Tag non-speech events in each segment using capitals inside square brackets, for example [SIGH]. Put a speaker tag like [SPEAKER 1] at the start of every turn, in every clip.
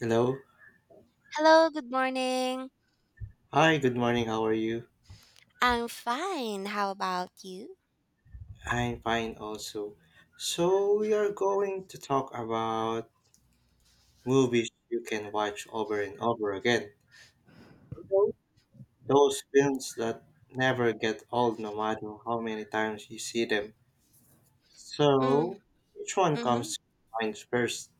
[SPEAKER 1] Hello.
[SPEAKER 2] Hello, good morning.
[SPEAKER 1] Hi, good morning. How are you?
[SPEAKER 2] I'm fine. How about you?
[SPEAKER 1] I'm fine also. So, we are going to talk about movies you can watch over and over again. Hello. Those films that never get old no matter how many times you see them. So, which one
[SPEAKER 2] Mm-hmm.
[SPEAKER 1] comes to mind first?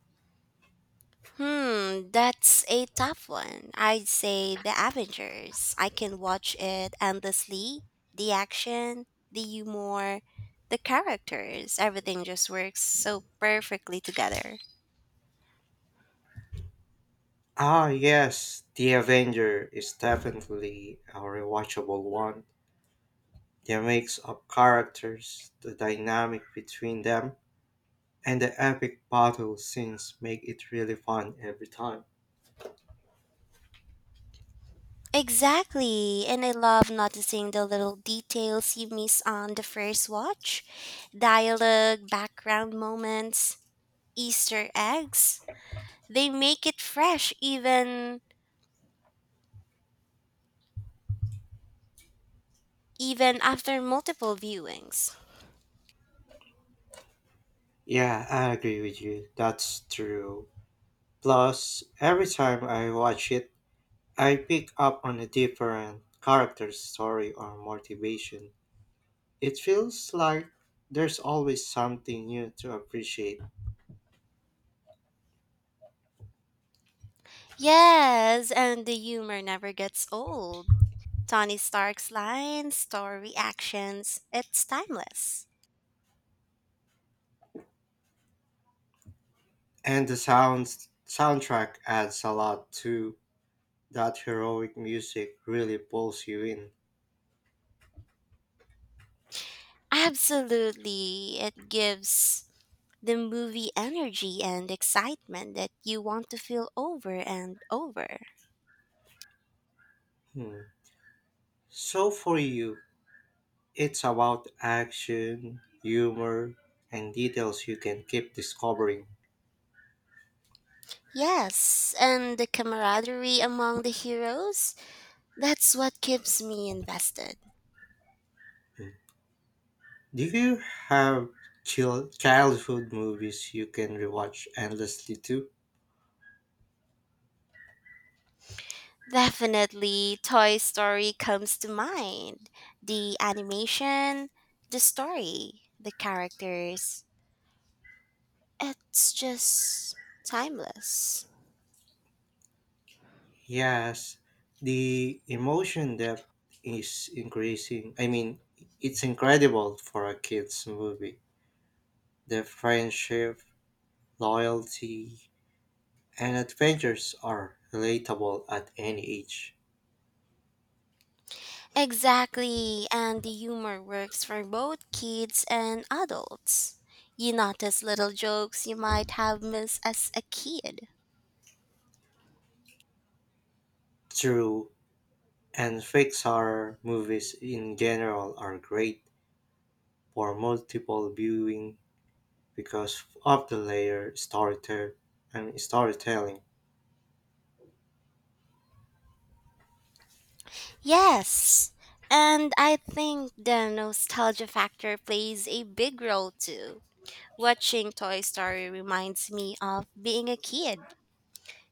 [SPEAKER 2] That's a tough one. I'd say The Avengers. I can watch it endlessly. The action, the humor, the characters, everything just works so perfectly together.
[SPEAKER 1] Ah, yes, The Avenger is definitely a rewatchable one. The mix of characters, the dynamic between them, and the epic battle scenes make it really fun every time.
[SPEAKER 2] Exactly, and I love noticing the little details you miss on the first watch dialogue, background moments, Easter eggs. They make it fresh even after multiple viewings.
[SPEAKER 1] Yeah, I agree with you. That's true. Plus, every time I watch it, I pick up on a different character's story or motivation. It feels like there's always something new to appreciate.
[SPEAKER 2] Yes, and the humor never gets old. Tony Stark's lines, story actions, it's timeless.
[SPEAKER 1] And the sounds soundtrack adds a lot too. That heroic music really pulls you in.
[SPEAKER 2] Absolutely. It gives the movie energy and excitement that you want to feel over and over.
[SPEAKER 1] Hmm. So for you, it's about action, humor, and details you can keep discovering.
[SPEAKER 2] Yes, and the camaraderie among the heroes, that's what keeps me invested.
[SPEAKER 1] Do you have childhood movies you can rewatch endlessly too?
[SPEAKER 2] Definitely, Toy Story comes to mind. The animation, the story, the characters. It's just timeless.
[SPEAKER 1] Yes, the emotion depth is increasing. I mean, it's incredible for a kid's movie. The friendship, loyalty, and adventures are relatable at any age.
[SPEAKER 2] Exactly, and the humor works for both kids and adults. You notice little jokes you might have missed as a kid.
[SPEAKER 1] Through And Pixar movies in general are great for multiple viewing because of the layer storytelling and storytelling.
[SPEAKER 2] Yes, and I think the nostalgia factor plays a big role too. Watching Toy Story reminds me of being a kid,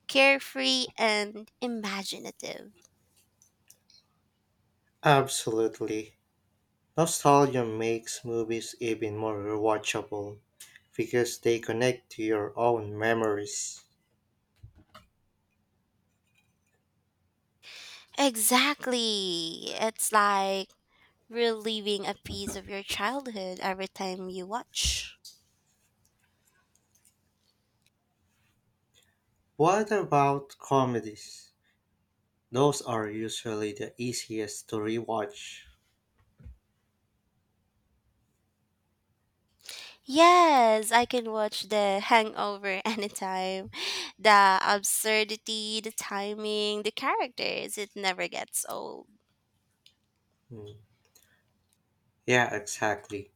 [SPEAKER 2] carefree and imaginative.
[SPEAKER 1] Absolutely. Nostalgia makes movies even more rewatchable because they connect to your own memories.
[SPEAKER 2] Exactly. It's like reliving a piece of your childhood every time you watch.
[SPEAKER 1] What about comedies? Those are usually the easiest to rewatch.
[SPEAKER 2] Yes, I can watch The Hangover [LAUGHS] anytime. The absurdity, the timing, the characters, it never gets old.
[SPEAKER 1] Hmm. Yeah, exactly.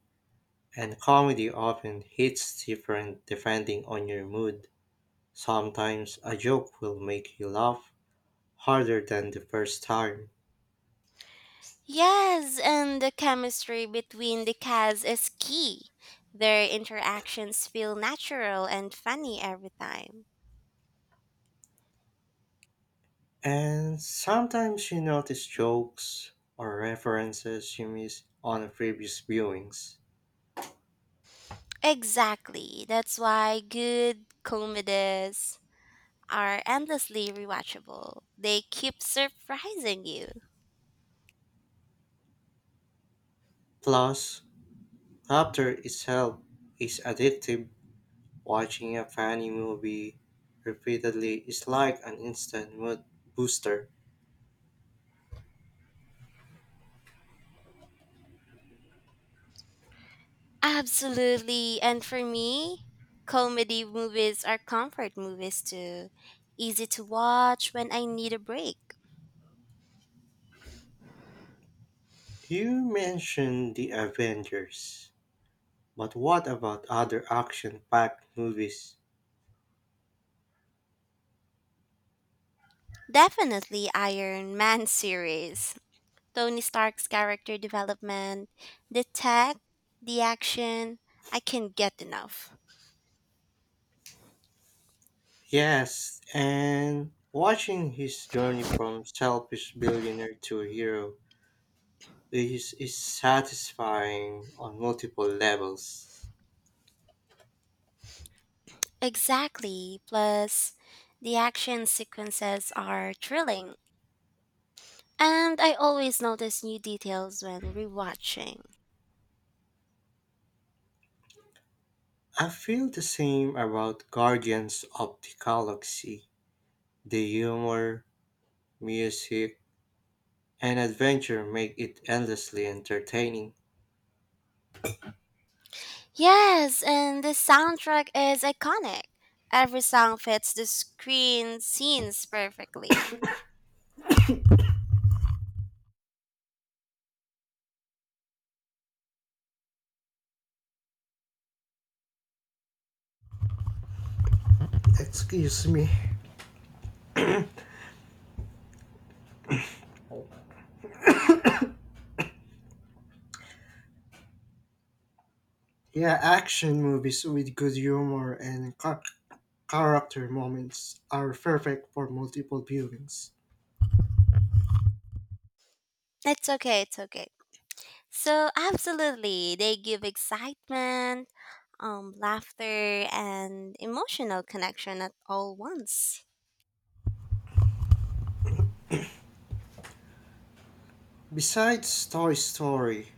[SPEAKER 1] And comedy often hits different depending on your mood. Sometimes a joke will make you laugh harder than the first time.
[SPEAKER 2] Yes, and the chemistry between the cats is key. Their interactions feel natural and funny every time.
[SPEAKER 1] And sometimes you notice jokes or references you missed on previous viewings.
[SPEAKER 2] Exactly. That's why good comedies are endlessly rewatchable. They keep surprising you.
[SPEAKER 1] Plus, laughter itself is addictive. Watching a funny movie repeatedly is like an instant mood booster.
[SPEAKER 2] Absolutely. And for me, comedy movies are comfort movies too. Easy to watch when I need a break.
[SPEAKER 1] You mentioned the Avengers. But what about other action packed movies?
[SPEAKER 2] Definitely Iron Man [LAUGHS] series. Tony Stark's character development, the tech, the action, I can't get enough.
[SPEAKER 1] Yes, and watching his journey from selfish billionaire to hero is satisfying on multiple levels.
[SPEAKER 2] Exactly. Plus, the action sequences are thrilling. And I always notice new details when rewatching.
[SPEAKER 1] I feel the same about Guardians of the Galaxy. The humor, music, and adventure make it endlessly entertaining.
[SPEAKER 2] Yes, and the soundtrack is iconic. Every song fits the screen scenes perfectly.
[SPEAKER 1] Excuse me. Yeah, action movies with good humor and character moments are perfect for multiple viewings.
[SPEAKER 2] It's okay, it's okay. So, absolutely, they give excitement, laughter, and emotional connection at all once.
[SPEAKER 1] Besides Toy Story,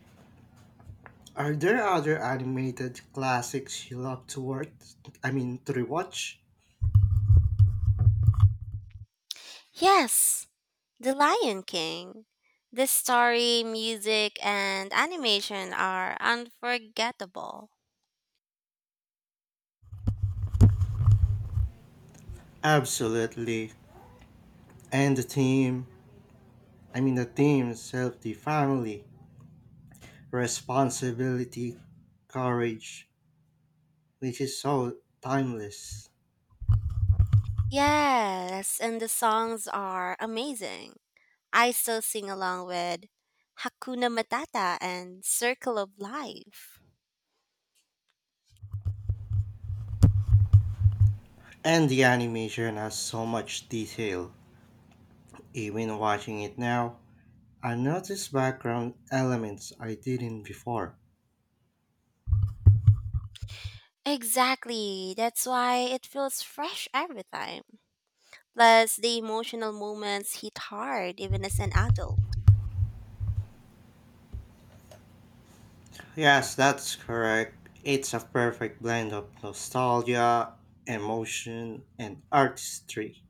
[SPEAKER 1] are there other animated classics you love to watch? I mean, to rewatch?
[SPEAKER 2] Yes, The Lion King. The story, music, and animation are unforgettable.
[SPEAKER 1] Absolutely. And the theme, I mean, the theme itself, the family, responsibility, courage, which is so timeless.
[SPEAKER 2] Yes, and the songs are amazing. I still sing along with Hakuna Matata and Circle of Life.
[SPEAKER 1] And the animation has so much detail. Even watching it now, I notice background elements I didn't before.
[SPEAKER 2] Exactly, that's why it feels fresh every time. Plus, the emotional moments hit hard even as an adult.
[SPEAKER 1] Yes, that's correct. It's a perfect blend of nostalgia, emotion, and artistry.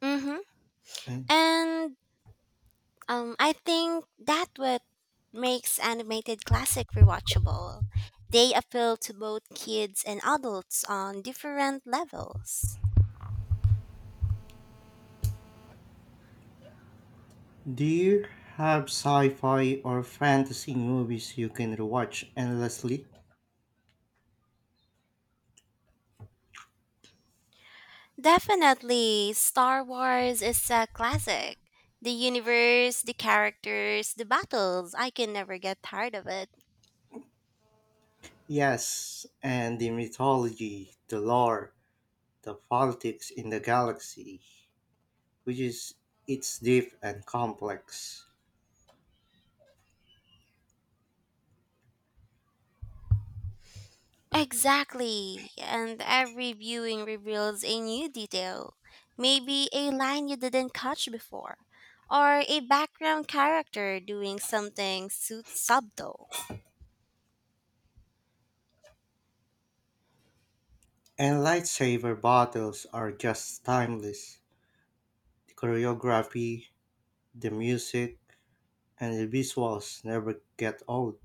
[SPEAKER 2] Mm-hmm.
[SPEAKER 1] And
[SPEAKER 2] And I think that what makes animated classic rewatchable. They appeal to both kids and adults on different levels.
[SPEAKER 1] do you have sci fi or fantasy movies you can watch endlessly?
[SPEAKER 2] Definitely, Star Wars is a classic. The universe, the characters, the battles, I can never get tired of it.
[SPEAKER 1] Yes, and the mythology, the lore, the politics in the galaxy, which is it's deep and complex.
[SPEAKER 2] Exactly, and every viewing reveals a new detail. Maybe a line you didn't catch before, or a background character doing something subtle.
[SPEAKER 1] And lightsaber battles are just timeless. The choreography, the music, and the visuals never get old.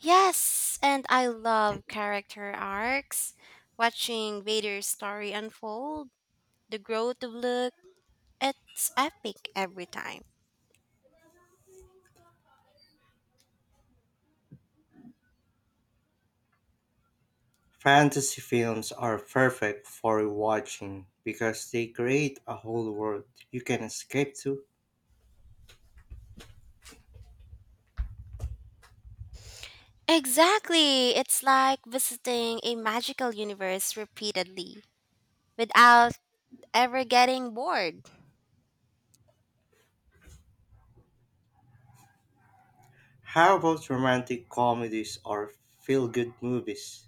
[SPEAKER 2] Yes, and I love character arcs. Watching Vader's story unfold, the growth of Luke, it's epic every time.
[SPEAKER 1] Fantasy films are perfect for rewatching because they create a whole world you can escape to.
[SPEAKER 2] Exactly, it's like visiting a magical universe repeatedly without ever getting bored.
[SPEAKER 1] How about romantic comedies or feel good movies?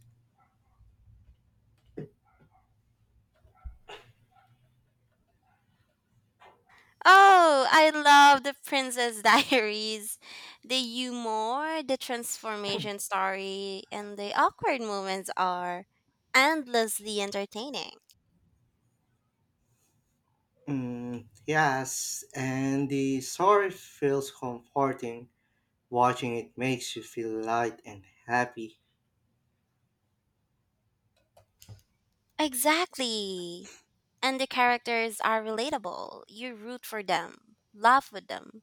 [SPEAKER 2] Oh, I love the Princess [LAUGHS] Diaries. The humor, the transformation story, and the awkward moments are endlessly entertaining.
[SPEAKER 1] Mm, yes, and the story feels comforting. Watching it makes you feel light and happy.
[SPEAKER 2] Exactly. And the characters are relatable. You root for them, laugh with them,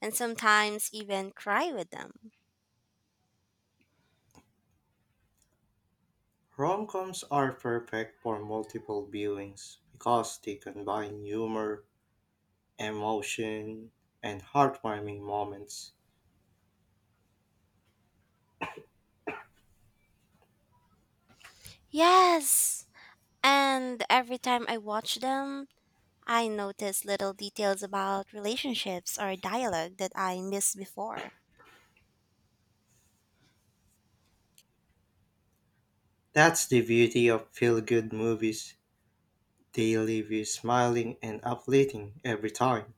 [SPEAKER 2] and sometimes even cry with them.
[SPEAKER 1] Rom coms are perfect for multiple viewings because they combine humor, emotion, and heartwarming moments.
[SPEAKER 2] Yes. And every time I watch them, I notice little details about relationships or dialogue that I missed before.
[SPEAKER 1] That's the beauty of feel good movies. They leave you smiling and uplifting every time.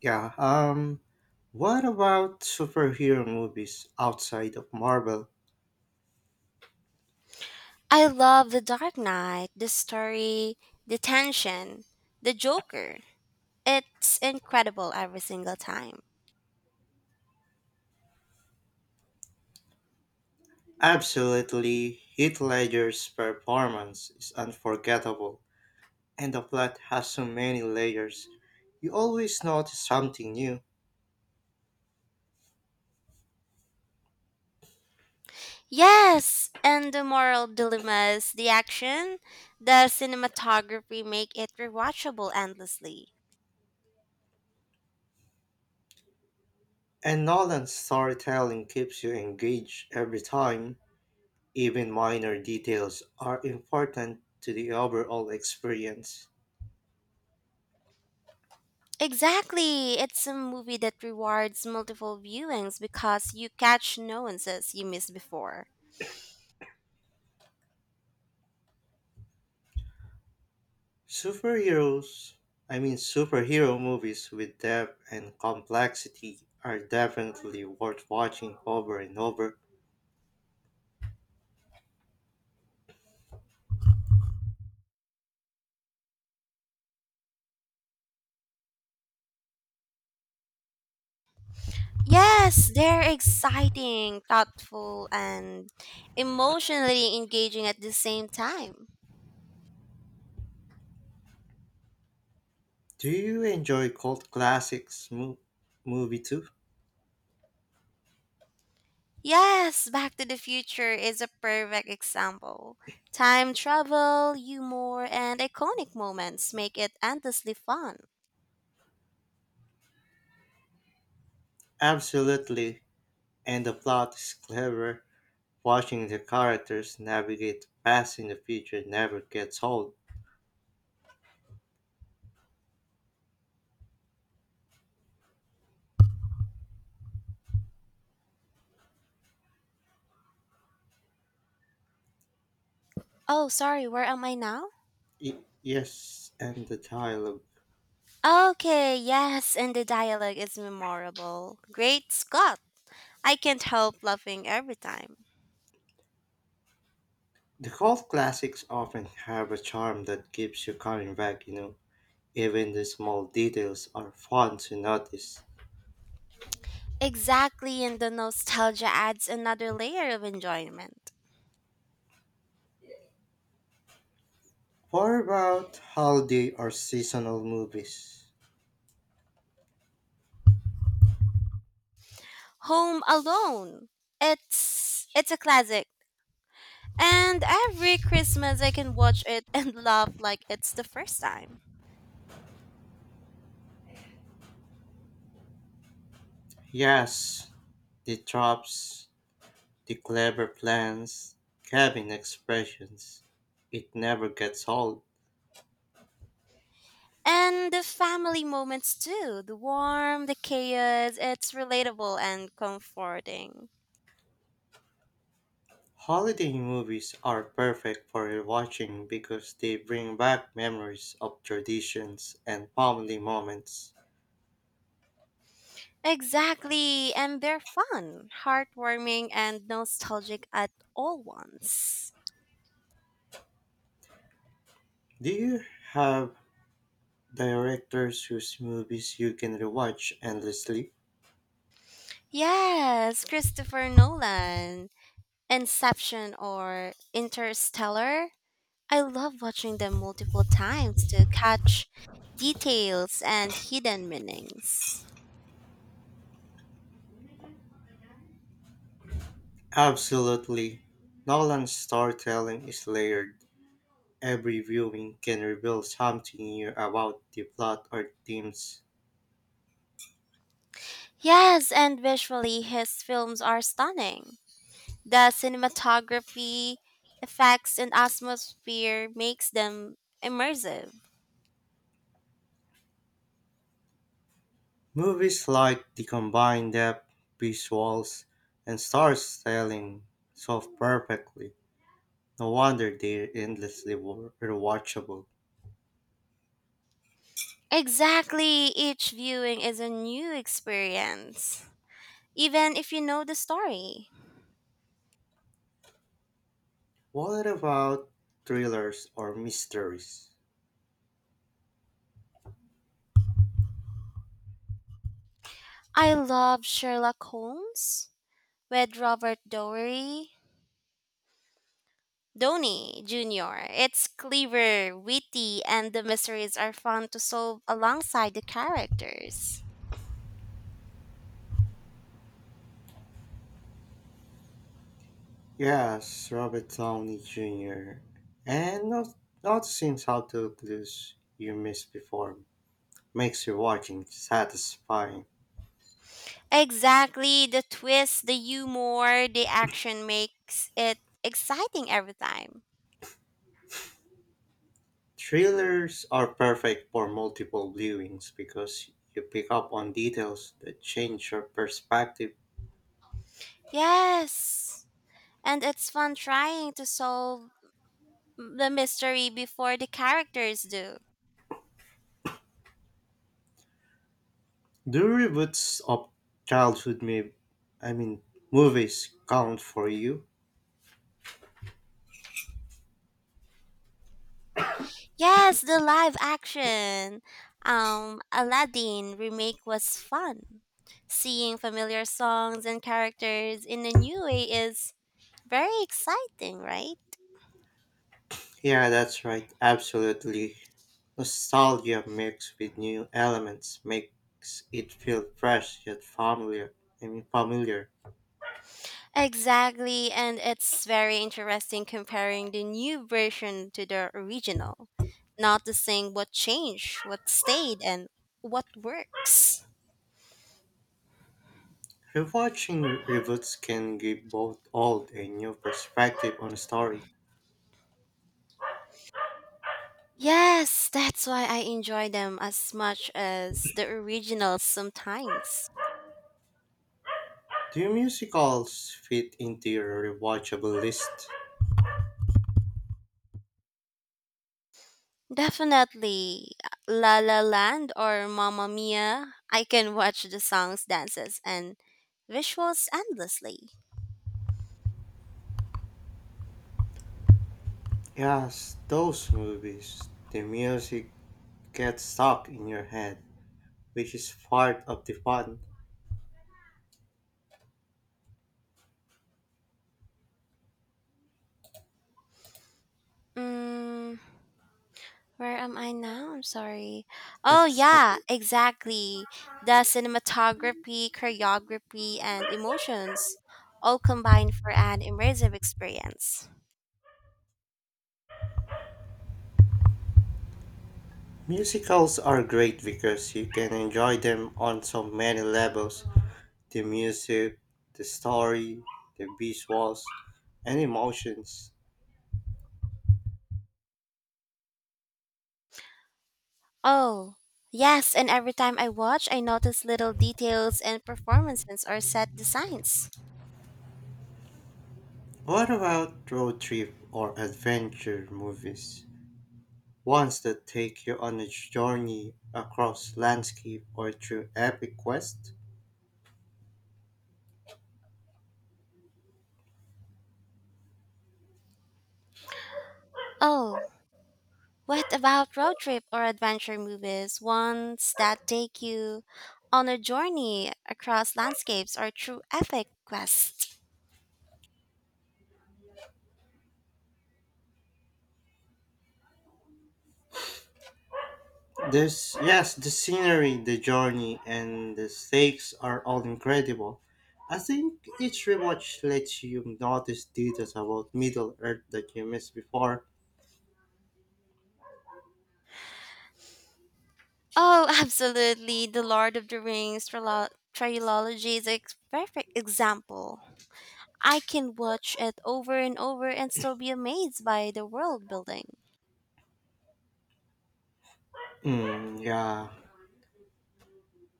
[SPEAKER 1] Yeah, what about superhero movies outside of Marvel?
[SPEAKER 2] I love The Dark Knight, the story, the tension, the Joker. It's incredible every single time.
[SPEAKER 1] Absolutely, Heath Ledger's performance is unforgettable, and the plot has so many layers. You always notice something new,
[SPEAKER 2] Yes, and the moral dilemmas, the action, the cinematography make it rewatchable endlessly.
[SPEAKER 1] and Nolan's storytelling keeps you engaged every time. Even minor details are important to the overall experience.
[SPEAKER 2] Exactly, it's a movie that rewards multiple viewings because you catch nuances you missed before.
[SPEAKER 1] Superheroes, I mean superhero movies with depth and complexity are definitely worth watching over and over.
[SPEAKER 2] Yes, they're exciting, thoughtful, and emotionally engaging at the same time.
[SPEAKER 1] Do you enjoy cult classics movie too?
[SPEAKER 2] Yes, Back to the Future is a perfect example. Time travel, humor, and iconic moments make it endlessly fun.
[SPEAKER 1] Absolutely, and the plot is clever. Watching the characters navigate past in the future never gets old.
[SPEAKER 2] Oh, sorry, where am I now?
[SPEAKER 1] Yes, and the dialogue.
[SPEAKER 2] Okay, yes, and the dialogue is memorable. Great Scott! I can't help laughing every time.
[SPEAKER 1] The golf classics often have a charm that keeps you coming back, you know. Even the small details are fun to notice.
[SPEAKER 2] Exactly, and the nostalgia adds another layer of enjoyment.
[SPEAKER 1] What about holiday or seasonal movies?
[SPEAKER 2] Home Alone. It's a classic, and every Christmas, I can watch it and [LAUGHS] laugh like it's the first time.
[SPEAKER 1] Yes, the tropes, the clever plans, cabin expressions. It never gets old.
[SPEAKER 2] And the family moments too, the warmth, the chaos, it's relatable and comforting.
[SPEAKER 1] Holiday movies are perfect for rewatching because they bring back memories of traditions and family moments.
[SPEAKER 2] Exactly, and they're fun, heartwarming, and nostalgic at all once.
[SPEAKER 1] Do you have Directors whose movies you can rewatch endlessly?
[SPEAKER 2] Yes, Christopher Nolan, Inception or Interstellar, I love watching them multiple times to catch details and hidden meanings.
[SPEAKER 1] Absolutely. Nolan's storytelling is layered. Every viewing can reveal something new about the plot or themes.
[SPEAKER 2] Yes, and visually, his films are stunning. The cinematography, effects, and atmosphere makes them immersive.
[SPEAKER 1] Movies like The Combined Depth, Visuals, and Storytelling solve perfectly. No wonder they're endlessly rewatchable.
[SPEAKER 2] Exactly, each viewing is a new experience, even if you know the story.
[SPEAKER 1] What about thrillers or mysteries?
[SPEAKER 2] I love Sherlock Holmes with Robert Downey Donnie Jr. It's clever, witty, and the mysteries are fun to solve alongside the characters.
[SPEAKER 1] Yes, Robert Downey Jr. And not noticing how clues you missed before makes your watching satisfying.
[SPEAKER 2] Exactly, the twist, the humor, the action makes it exciting every time.
[SPEAKER 1] Thrillers are perfect for multiple viewings because you pick up on details that change your perspective.
[SPEAKER 2] Yes, and it's fun trying to solve the mystery before the characters do.
[SPEAKER 1] Do reboots of childhood may, I mean, movies count for you?
[SPEAKER 2] Yes, the live action Aladdin remake was fun. Seeing familiar songs and characters in a new way is very exciting, right?
[SPEAKER 1] Yeah, that's right. Absolutely. Nostalgia mixed with new elements makes it feel fresh yet familiar.
[SPEAKER 2] Exactly, and it's very interesting comparing the new version to the original, noticing what changed, what stayed, and what works.
[SPEAKER 1] Rewatching reboots can give both old and new perspective on a story.
[SPEAKER 2] Yes, that's why I enjoy them as much as the originals sometimes.
[SPEAKER 1] Do musicals fit into your rewatchable list?
[SPEAKER 2] Definitely La La Land or Mamma Mia. I can watch the songs, dances, and visuals endlessly.
[SPEAKER 1] Yes, those movies. The music gets stuck in your head, which is part of the fun.
[SPEAKER 2] Mm, Where am I now? I'm sorry. Oh, yeah,
[SPEAKER 1] Exactly.
[SPEAKER 2] exactly. The cinematography, choreography, and emotions all combined for an immersive experience.
[SPEAKER 1] Musicals are great because you can enjoy them on so many levels, the music, the story, the visuals, and emotions.
[SPEAKER 2] Oh, yes, and every time I watch, I notice little details and performances or set designs.
[SPEAKER 1] What about road trip or adventure movies? Ones that take you on a journey across landscape or through epic quest?
[SPEAKER 2] Oh, what about road trip or adventure movies? Ones that take you on a journey across landscapes or through epic quests.
[SPEAKER 1] This, yes, the scenery, the journey, and the stakes are all incredible. I think each rewatch lets you notice details about Middle Earth that you missed before.
[SPEAKER 2] Oh, [LAUGHS] absolutely. The Lord of the Rings trilogy is a perfect example. I can watch it over and over and still be amazed by the world building.
[SPEAKER 1] Mm, yeah,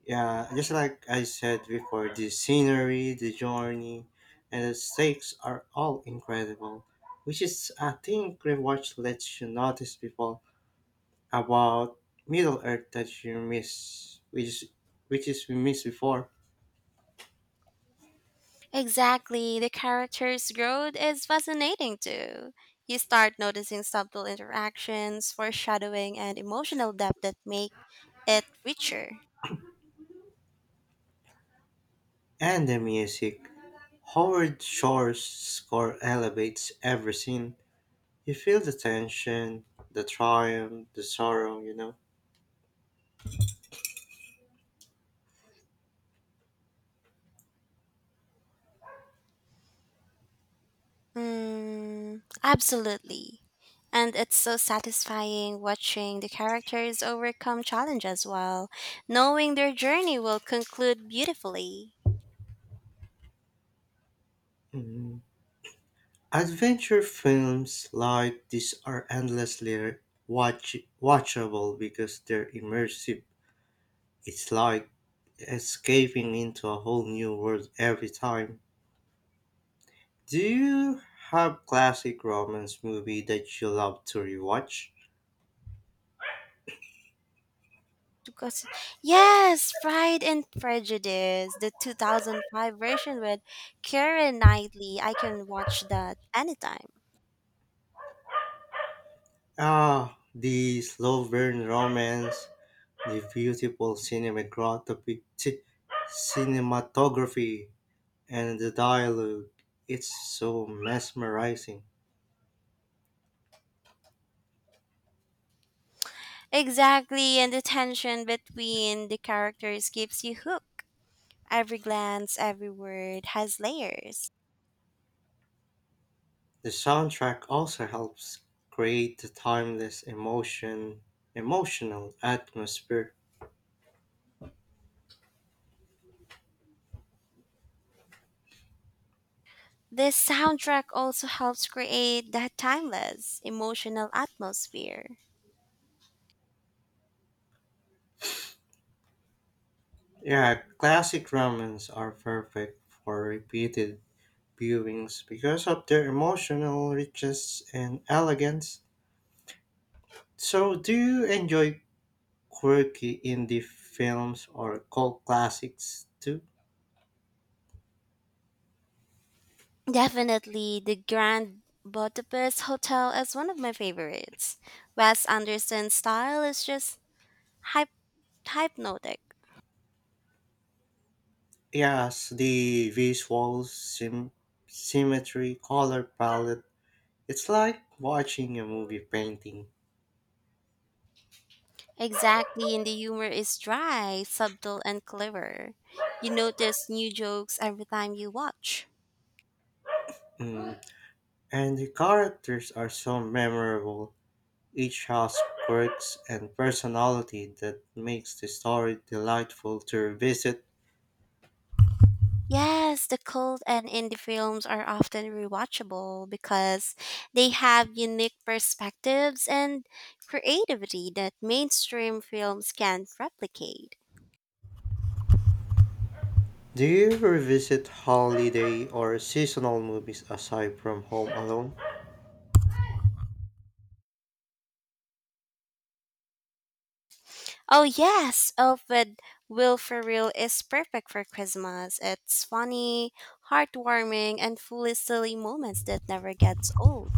[SPEAKER 1] yeah. Just like I said before, the scenery, the journey, and the stakes are all incredible. Which is, I think, rewatch lets you notice people about Middle Earth that you miss, which is we missed before,
[SPEAKER 2] Exactly. The character's growth is fascinating too. You start noticing subtle interactions, foreshadowing, and emotional depth that make it richer.
[SPEAKER 1] and the music. Howard Shore's score elevates every scene. You feel the tension, the triumph, the sorrow, you know.
[SPEAKER 2] Mm, absolutely. And it's so satisfying watching the characters overcome challenges while knowing their journey will conclude beautifully.
[SPEAKER 1] Mhm. Adventure films like this are endlessly watch- watchable because they're immersive. It's like escaping into a whole new world every time. Do you have classic romance movie that you love to rewatch?
[SPEAKER 2] Because yes, Pride and Prejudice, the 2005 version with Karen Knightley. I can watch that anytime.
[SPEAKER 1] Ah, the slow burn romance. The beautiful cinematography and the dialogue, it's so mesmerizing.
[SPEAKER 2] Exactly, and the tension between the characters keeps you hooked. Every glance, every word has layers.
[SPEAKER 1] The soundtrack also helps create the timeless emotional atmosphere.
[SPEAKER 2] This soundtrack also helps create that timeless, emotional atmosphere.
[SPEAKER 1] Yeah, classic romans are perfect for repeated viewings because of their emotional richness and elegance. So, do you enjoy quirky indie films or cult classics too?
[SPEAKER 2] Definitely, the Grand Budapest Hotel is one of my favorites. Wes Anderson's style is just hypnotic.
[SPEAKER 1] Yes, the visual symmetry, color palette. It's like watching a movie painting.
[SPEAKER 2] Exactly, and the humor is dry, subtle, and clever. You notice new jokes every time you watch.
[SPEAKER 1] Mm. And the characters are so memorable. Each has quirks and personality that makes the story delightful to revisit.
[SPEAKER 2] Yes, the cult and indie films are often rewatchable because they have unique perspectives and creativity that mainstream films can't replicate.
[SPEAKER 1] Do you revisit holiday or seasonal movies aside from Home Alone?
[SPEAKER 2] Oh yes, oh but Will Ferrell is perfect for Christmas. It's funny, heartwarming, and full of silly moments that never gets old.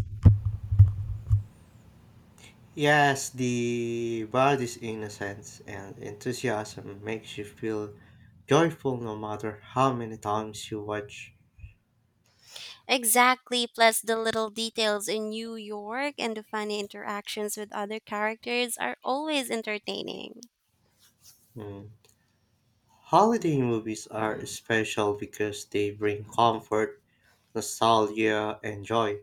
[SPEAKER 1] Yes, the body's innocence and enthusiasm makes you feel joyful no matter how many times you watch.
[SPEAKER 2] Exactly, plus the little details in New York and the funny interactions with other characters are always entertaining.
[SPEAKER 1] Mm. Holiday movies are special because they bring comfort, nostalgia, and joy,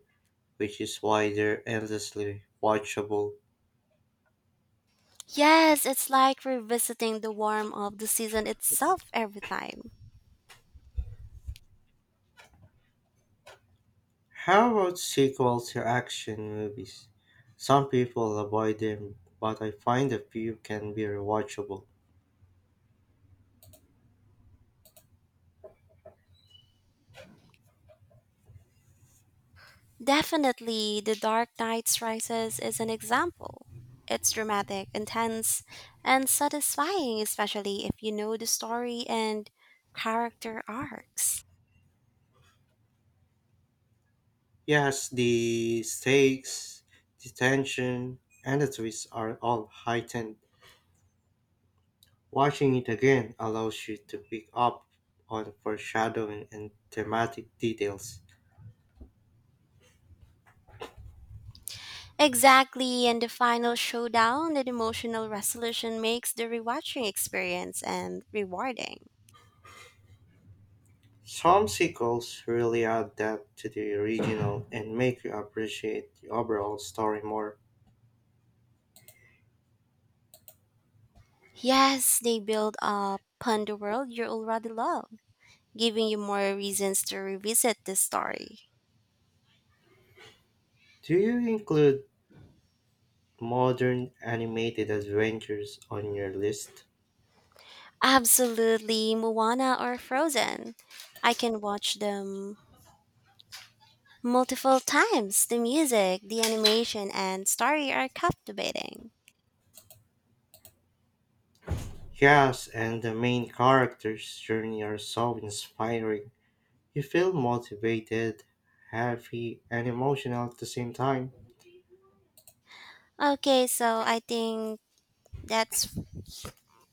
[SPEAKER 1] which is why they're endlessly watchable.
[SPEAKER 2] Yes, it's like revisiting the warm of the season itself every time.
[SPEAKER 1] How about sequels to action movies? Some people avoid them, but I find a few can be rewatchable.
[SPEAKER 2] Definitely, The Dark Knight's Rises is an example. It's dramatic, intense, and satisfying, especially if you know the story and character arcs.
[SPEAKER 1] Yes, the stakes, the tension, and the twist are all heightened. Watching it again allows you to pick up on foreshadowing and thematic details.
[SPEAKER 2] Exactly, and the final showdown and emotional resolution makes the rewatching experience and rewarding.
[SPEAKER 1] Some sequels really add depth to the original and make you appreciate the overall story more.
[SPEAKER 2] Yes, they build up upon the world you already love, giving you more reasons to revisit the story.
[SPEAKER 1] Do you include modern animated adventures on your list?
[SPEAKER 2] Absolutely, Moana or Frozen. I can watch them multiple times. The music, the animation, and story are captivating.
[SPEAKER 1] Yes, and the main character's journey are so inspiring. You feel motivated, happy, and emotional at the same time.
[SPEAKER 2] Okay, so I think that's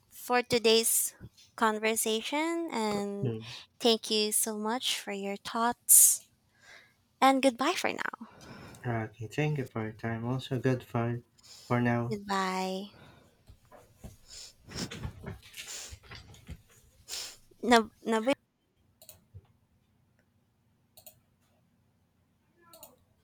[SPEAKER 2] for today's conversation. And
[SPEAKER 1] Mm.
[SPEAKER 2] thank you so much for your thoughts. And goodbye for now.
[SPEAKER 1] Okay, thank you for your time. Also, good for now.
[SPEAKER 2] Goodbye. Nab-